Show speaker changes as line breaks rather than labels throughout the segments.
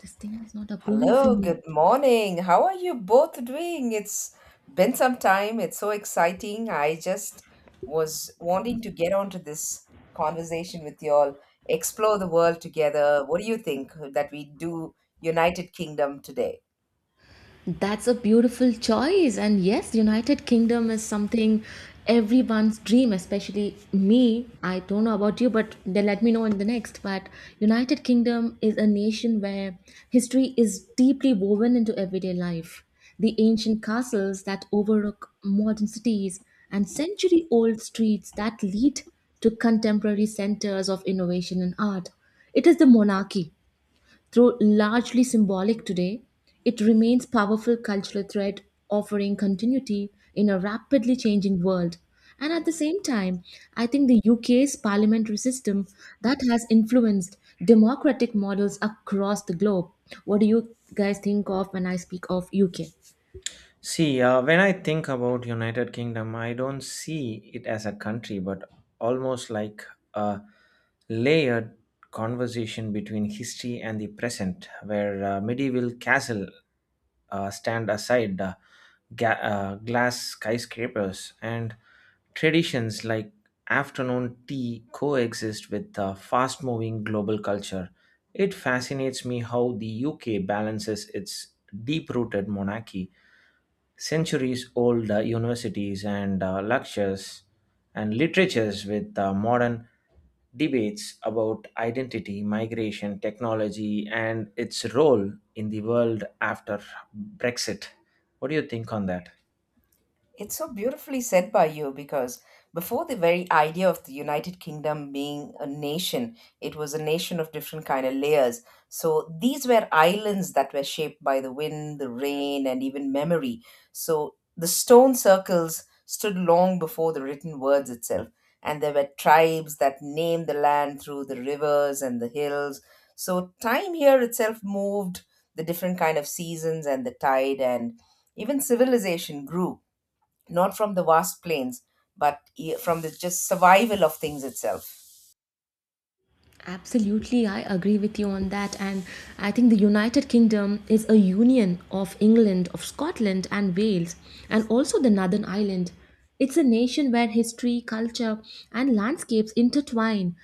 This thing is not approving for
Hello,
me.
good morning. How are you both doing? It's been some time. It's so exciting. I just was wanting to get onto this conversation with you all, explore the world together. What do you think that we do United Kingdom today?
That's a beautiful choice, and yes, united kingdom is something everyone's dream, especially me. I don't know about you, but then let me know in the next. But united kingdom is a nation where history is deeply woven into everyday life. The ancient castles that overlook modern cities and century old streets that lead to contemporary centers of innovation and art. It is the monarchy, though largely symbolic today, it remains powerful cultural thread offering continuity in a rapidly changing world. And at the same time, I think the UK's parliamentary system that has influenced democratic models across the globe. What do you guys think of when I speak of UK?
When I think about United Kingdom, I don't see it as a country, but almost like a layered conversation between history and the present, where medieval castle stand aside glass skyscrapers and traditions like afternoon tea coexist with fast moving global culture. It fascinates me how the UK balances its deep rooted monarchy centuries old universities and lectures and literatures with modern debates about identity, migration, technology, and its role in the world after Brexit. What do you think on that?
It's so beautifully said by you because before the very idea of the United Kingdom being a nation, it was a nation of different kind of layers. So these were islands that were shaped by the wind, the rain, and even memory. So the stone circles stood long before the written words itself, and there were tribes that named the land through the rivers and the hills. So time here itself moved the different kind of seasons and the tide, and even civilization grew not from the vast plains, but from the just survival of things itself.
Absolutely, I agree with you on that. And I think the United Kingdom is a union of England, of Scotland, and Wales, and also the Northern Ireland. It's a nation where history, culture, and landscapes intertwine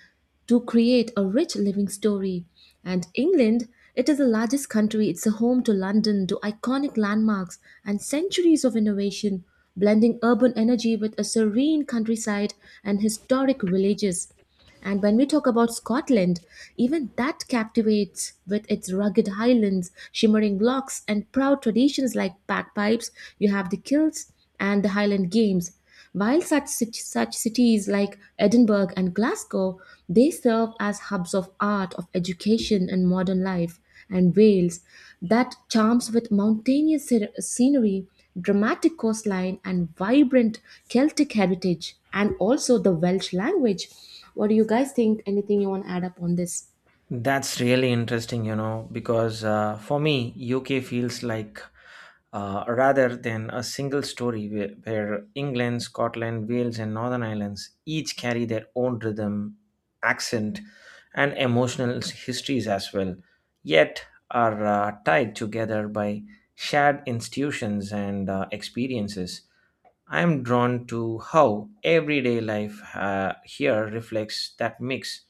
to create a rich living story. And England, it is the largest country. It's a home to London, to iconic landmarks, and centuries of innovation, blending urban energy with a serene countryside and historic villages. And when we talk about Scotland, even that captivates with its rugged highlands, shimmering lochs, and proud traditions like bagpipes. You have the kilts and the Highland Games. While such cities like Edinburgh and Glasgow, they serve as hubs of art, of education, and modern life. And Wales that charms with mountainous scenery, dramatic coastline, and vibrant Celtic heritage, and also the Welsh language. What do you guys think? Anything you want to add up on this?
That's really interesting, you know, because for me, UK feels like rather than a single story where England, Scotland, Wales, and Northern Islands each carry their own rhythm, accent, and emotional histories as well, yet are tied together by shared institutions and experiences. I am drawn to how everyday life here reflects that mix,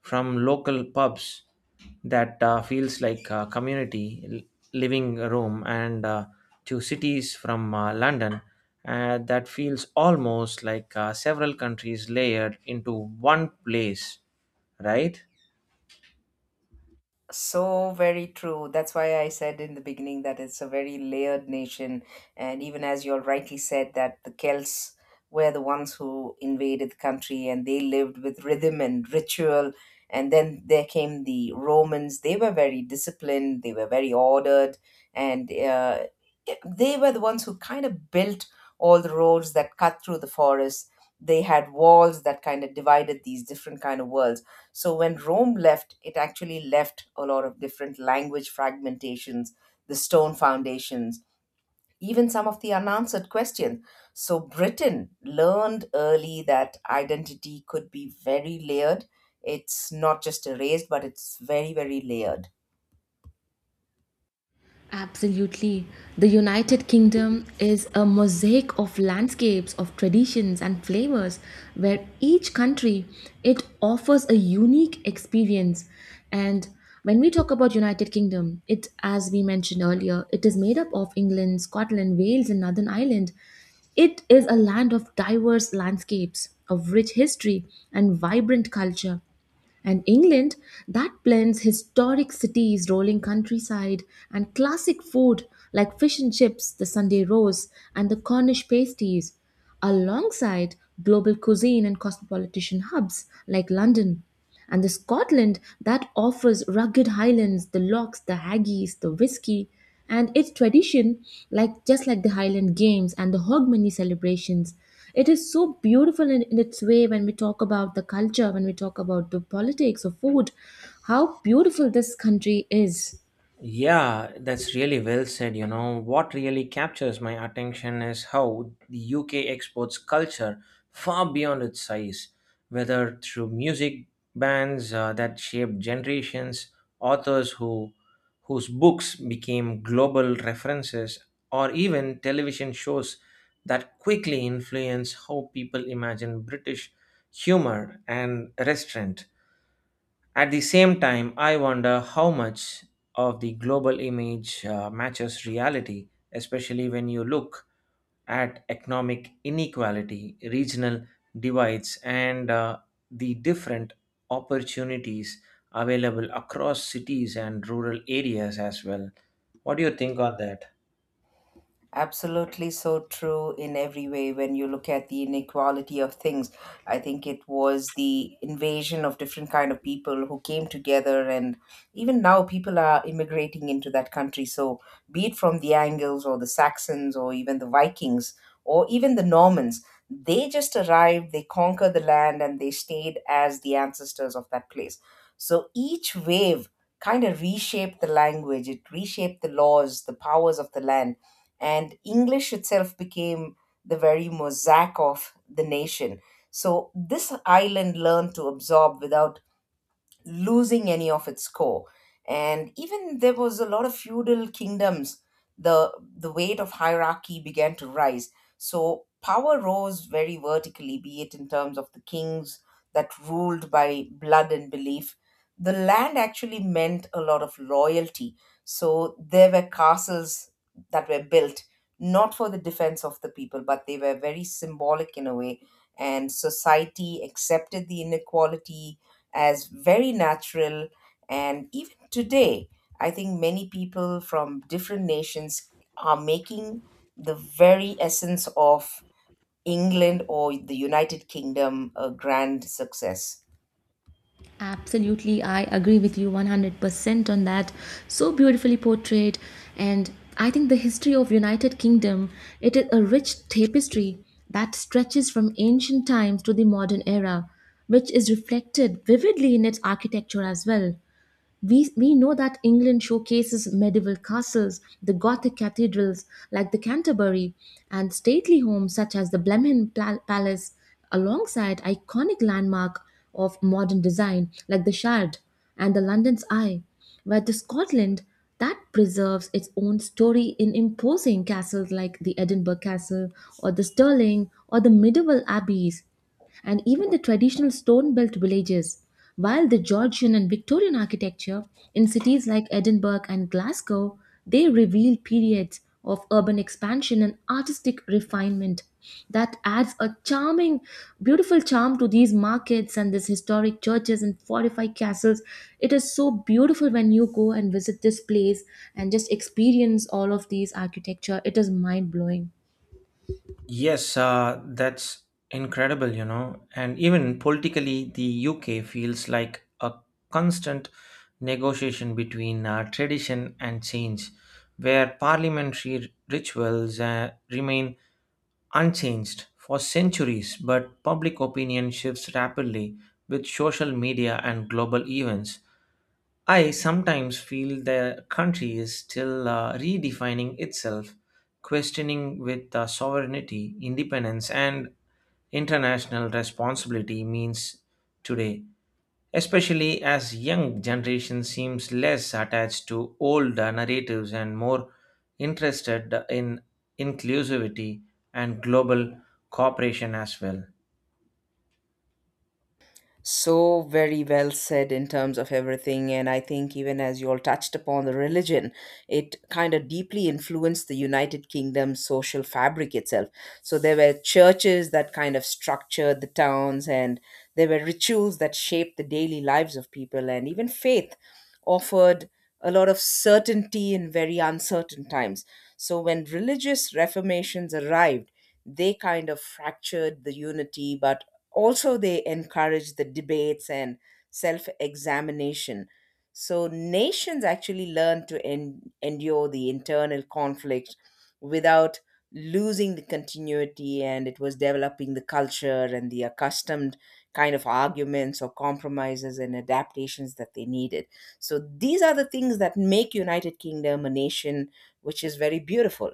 from local pubs that feels like a community living room and to cities from London that feels almost like several countries layered into one place, right?
So very true. That's why I said in the beginning that it's a very layered nation. And even as you all rightly said, that the Celts were the ones who invaded the country and they lived with rhythm and ritual. And then there came the Romans. They were very disciplined, they were very ordered, and they were the ones who kind of built all the roads that cut through the forest. They had walls that kind of divided these different kind of worlds, so when Rome left, it actually left a lot of different language fragmentations, the stone foundations, even some of the unanswered questions. So Britain learned early that identity could be very layered. It's not just erased, but it's very, very layered.
Absolutely. The United Kingdom is a mosaic of landscapes, of traditions and flavors where each country it offers a unique experience. And when we talk about United Kingdom, it as we mentioned earlier, it is made up of England, Scotland, Wales and Northern Ireland. It is a land of diverse landscapes, of rich history and vibrant culture. And England, that blends historic cities, rolling countryside, and classic food like fish and chips, the Sunday rolls, and the Cornish pasties, alongside global cuisine and cosmopolitan hubs like London. And the Scotland that offers rugged highlands, the lochs, the haggis, the whisky, and its tradition like just like the highland games and the hogmanay celebrations. It is so beautiful in its way when we talk about the culture, when we talk about the politics of food, how beautiful this country is.
Yeah, that's really well said. You know, what really captures my attention is how the UK exports culture far beyond its size, whether through music bands that shaped generations, authors whose books became global references, or even television shows that quickly influence how people imagine British humor and restaurant. At the same time, I wonder how much of the global image matches reality, especially when you look at economic inequality, regional divides, and the different opportunities available across cities and rural areas as well. What do you think on that?
Absolutely so true in every way when you look at the inequality of things. I think it was the invasion of different kind of people who came together and even now people are immigrating into that country. So be it from the Angles or the Saxons or even the Vikings or even the Normans, they just arrived, they conquered the land and they stayed as the ancestors of that place. So each wave kind of reshaped the language, it reshaped the laws, the powers of the land, and English itself became the very mosaic of the nation. So this island learned to absorb without losing any of its core. And even there was a lot of feudal kingdoms, the weight of hierarchy began to rise. So power rose very vertically, be it in terms of the kings that ruled by blood and belief. The land actually meant a lot of loyalty. So there were castles that were built not for the defense of the people, but they were very symbolic in a way. And society accepted the inequality as very natural. And even today, I think many people from different nations are making the very essence of England or the United Kingdom a grand success.
Absolutely, I agree with you 100% on that. So beautifully portrayed. And I think the history of United Kingdom, it is a rich tapestry that stretches from ancient times to the modern era, which is reflected vividly in its architecture as well. We know that England showcases medieval castles, the Gothic cathedrals like the Canterbury, and stately homes such as the Blenheim Palace, alongside iconic landmark of modern design like the Shard and the London's Eye, where the Scotland that preserves its own story in imposing castles like the Edinburgh Castle or the Stirling or the medieval abbeys and even the traditional stone built villages, while the Georgian and Victorian architecture in cities like Edinburgh and Glasgow, they reveal periods of urban expansion and artistic refinement that adds a charming beautiful charm to these markets and these historic churches and fortified castles. It is so beautiful when you go and visit this place and just experience all of these architecture. It is mind blowing.
Yes, that's incredible, you know. And even politically, the UK feels like a constant negotiation between tradition and change, where parliamentary rituals remain unchanged for centuries, but public opinion shifts rapidly with social media and global events. I sometimes feel the country is still redefining itself, questioning with sovereignty, independence, and international responsibility means today, especially as young generation seems less attached to old narratives and more interested in inclusivity and global cooperation as well.
So very well said in terms of everything, and I think even as you all touched upon the religion, it kind of deeply influenced the United Kingdom's social fabric itself. So there were churches that kind of structured the towns, and there were rituals that shaped the daily lives of people, and even faith offered a lot of certainty in very uncertain times. So when religious reformations arrived, they kind of fractured the unity, but also they encourage the debates and self examination. So nations actually learn to endure the internal conflict without losing the continuity, and it was developing the culture and the accustomed kind of arguments or compromises and adaptations that they needed. So these are the things that make United Kingdom a nation which is very beautiful.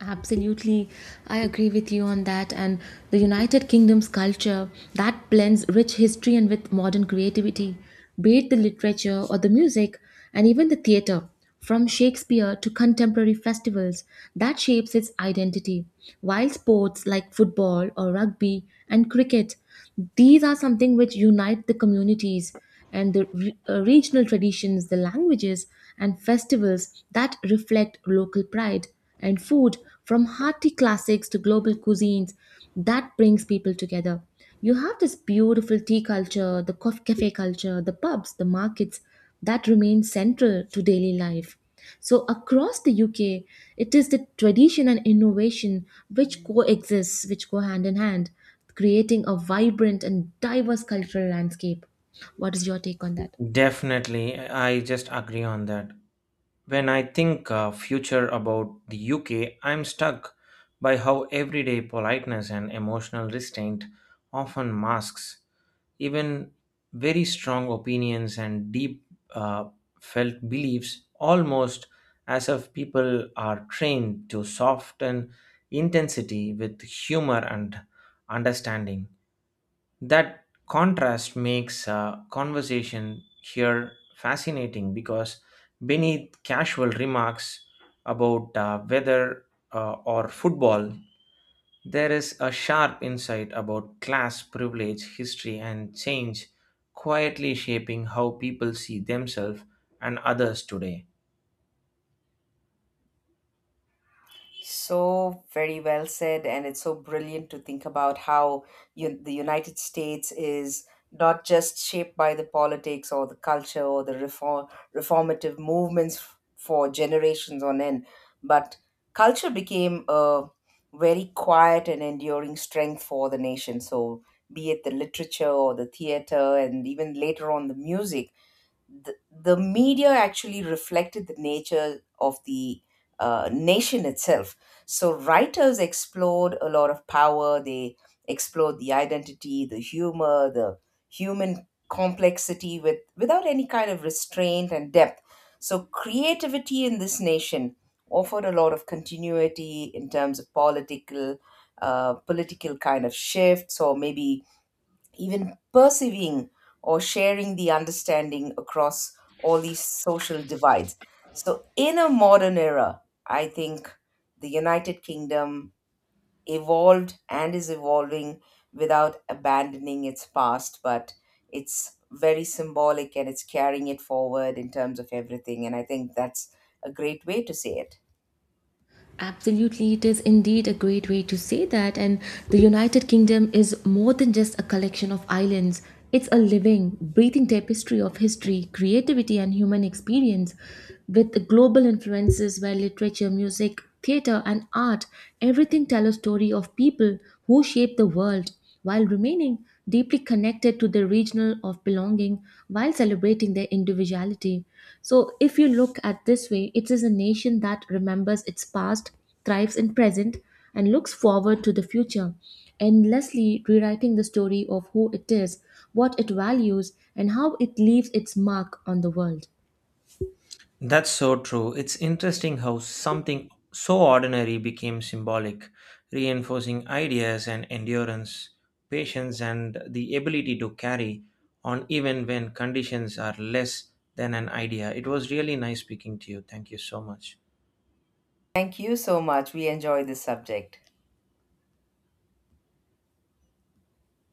Absolutely. I agree with you on that. And the United Kingdom's culture that blends rich history and with modern creativity, be it the literature or the music and even the theater, from Shakespeare to contemporary festivals, that shapes its identity. While sports like football or rugby and cricket, these are something which unite the communities and the regional traditions, the languages, and festivals that reflect local pride, and food from hearty classics to global cuisines that brings people together. You have this beautiful tea culture, the cafe culture, the pubs, the markets that remain central to daily life. So, across the UK, it is the tradition and innovation which coexist, which go hand in hand creating a vibrant and diverse cultural landscape. What is your take on that?
Definitely, I just agree on that. When I think future about the UK, I'm stuck by how everyday politeness and emotional restraint often masks even very strong opinions and deep uh, felt beliefs, almost as if people are trained to soften intensity with humor and understanding. That contrast makes conversation here fascinating because beneath casual remarks about weather or football, there is a sharp insight about class, privilege, history, and change quietly shaping how people see themselves and others today.
So very well said, and it's so brilliant to think about how you, the United States is not just shaped by the politics or the culture or the reformative movements for generations on end, but culture became a very quiet and enduring strength for the nation. So, be it the literature or the theater, and even later on the music, the media actually reflected the nature of the nation itself. So writers explored a lot of power. They explored the identity, the humor, the human complexity with without any kind of restraint and depth. So creativity in this nation offered a lot of continuity in terms of political kind of shifts, or maybe even perceiving or sharing the understanding across all these social divides. So, in a modern era, I think the United Kingdom evolved and is evolving without abandoning its past, but it's very symbolic and it's carrying it forward in terms of everything. And I think that's a great way to say it.
Absolutely, it is indeed a great way to say that. And the United Kingdom is more than just a collection of islands, it's a living, breathing tapestry of history, creativity, and human experience with global influences where literature, music, theatre, and art everything tell a story of people who shaped the world, while remaining deeply connected to their regional of belonging, while celebrating their individuality. So if you look at this way, it is a nation that remembers its past, thrives in present, and looks forward to the future, endlessly rewriting the story of who it is, what it values, and how it leaves its mark on the world.
That's so true. It's interesting how something so ordinary became symbolic, reinforcing ideas and endurance, patience, and the ability to carry on even when conditions are less than an idea. It was really nice speaking to you. Thank you so much.
Thank you so much. We enjoy this subject.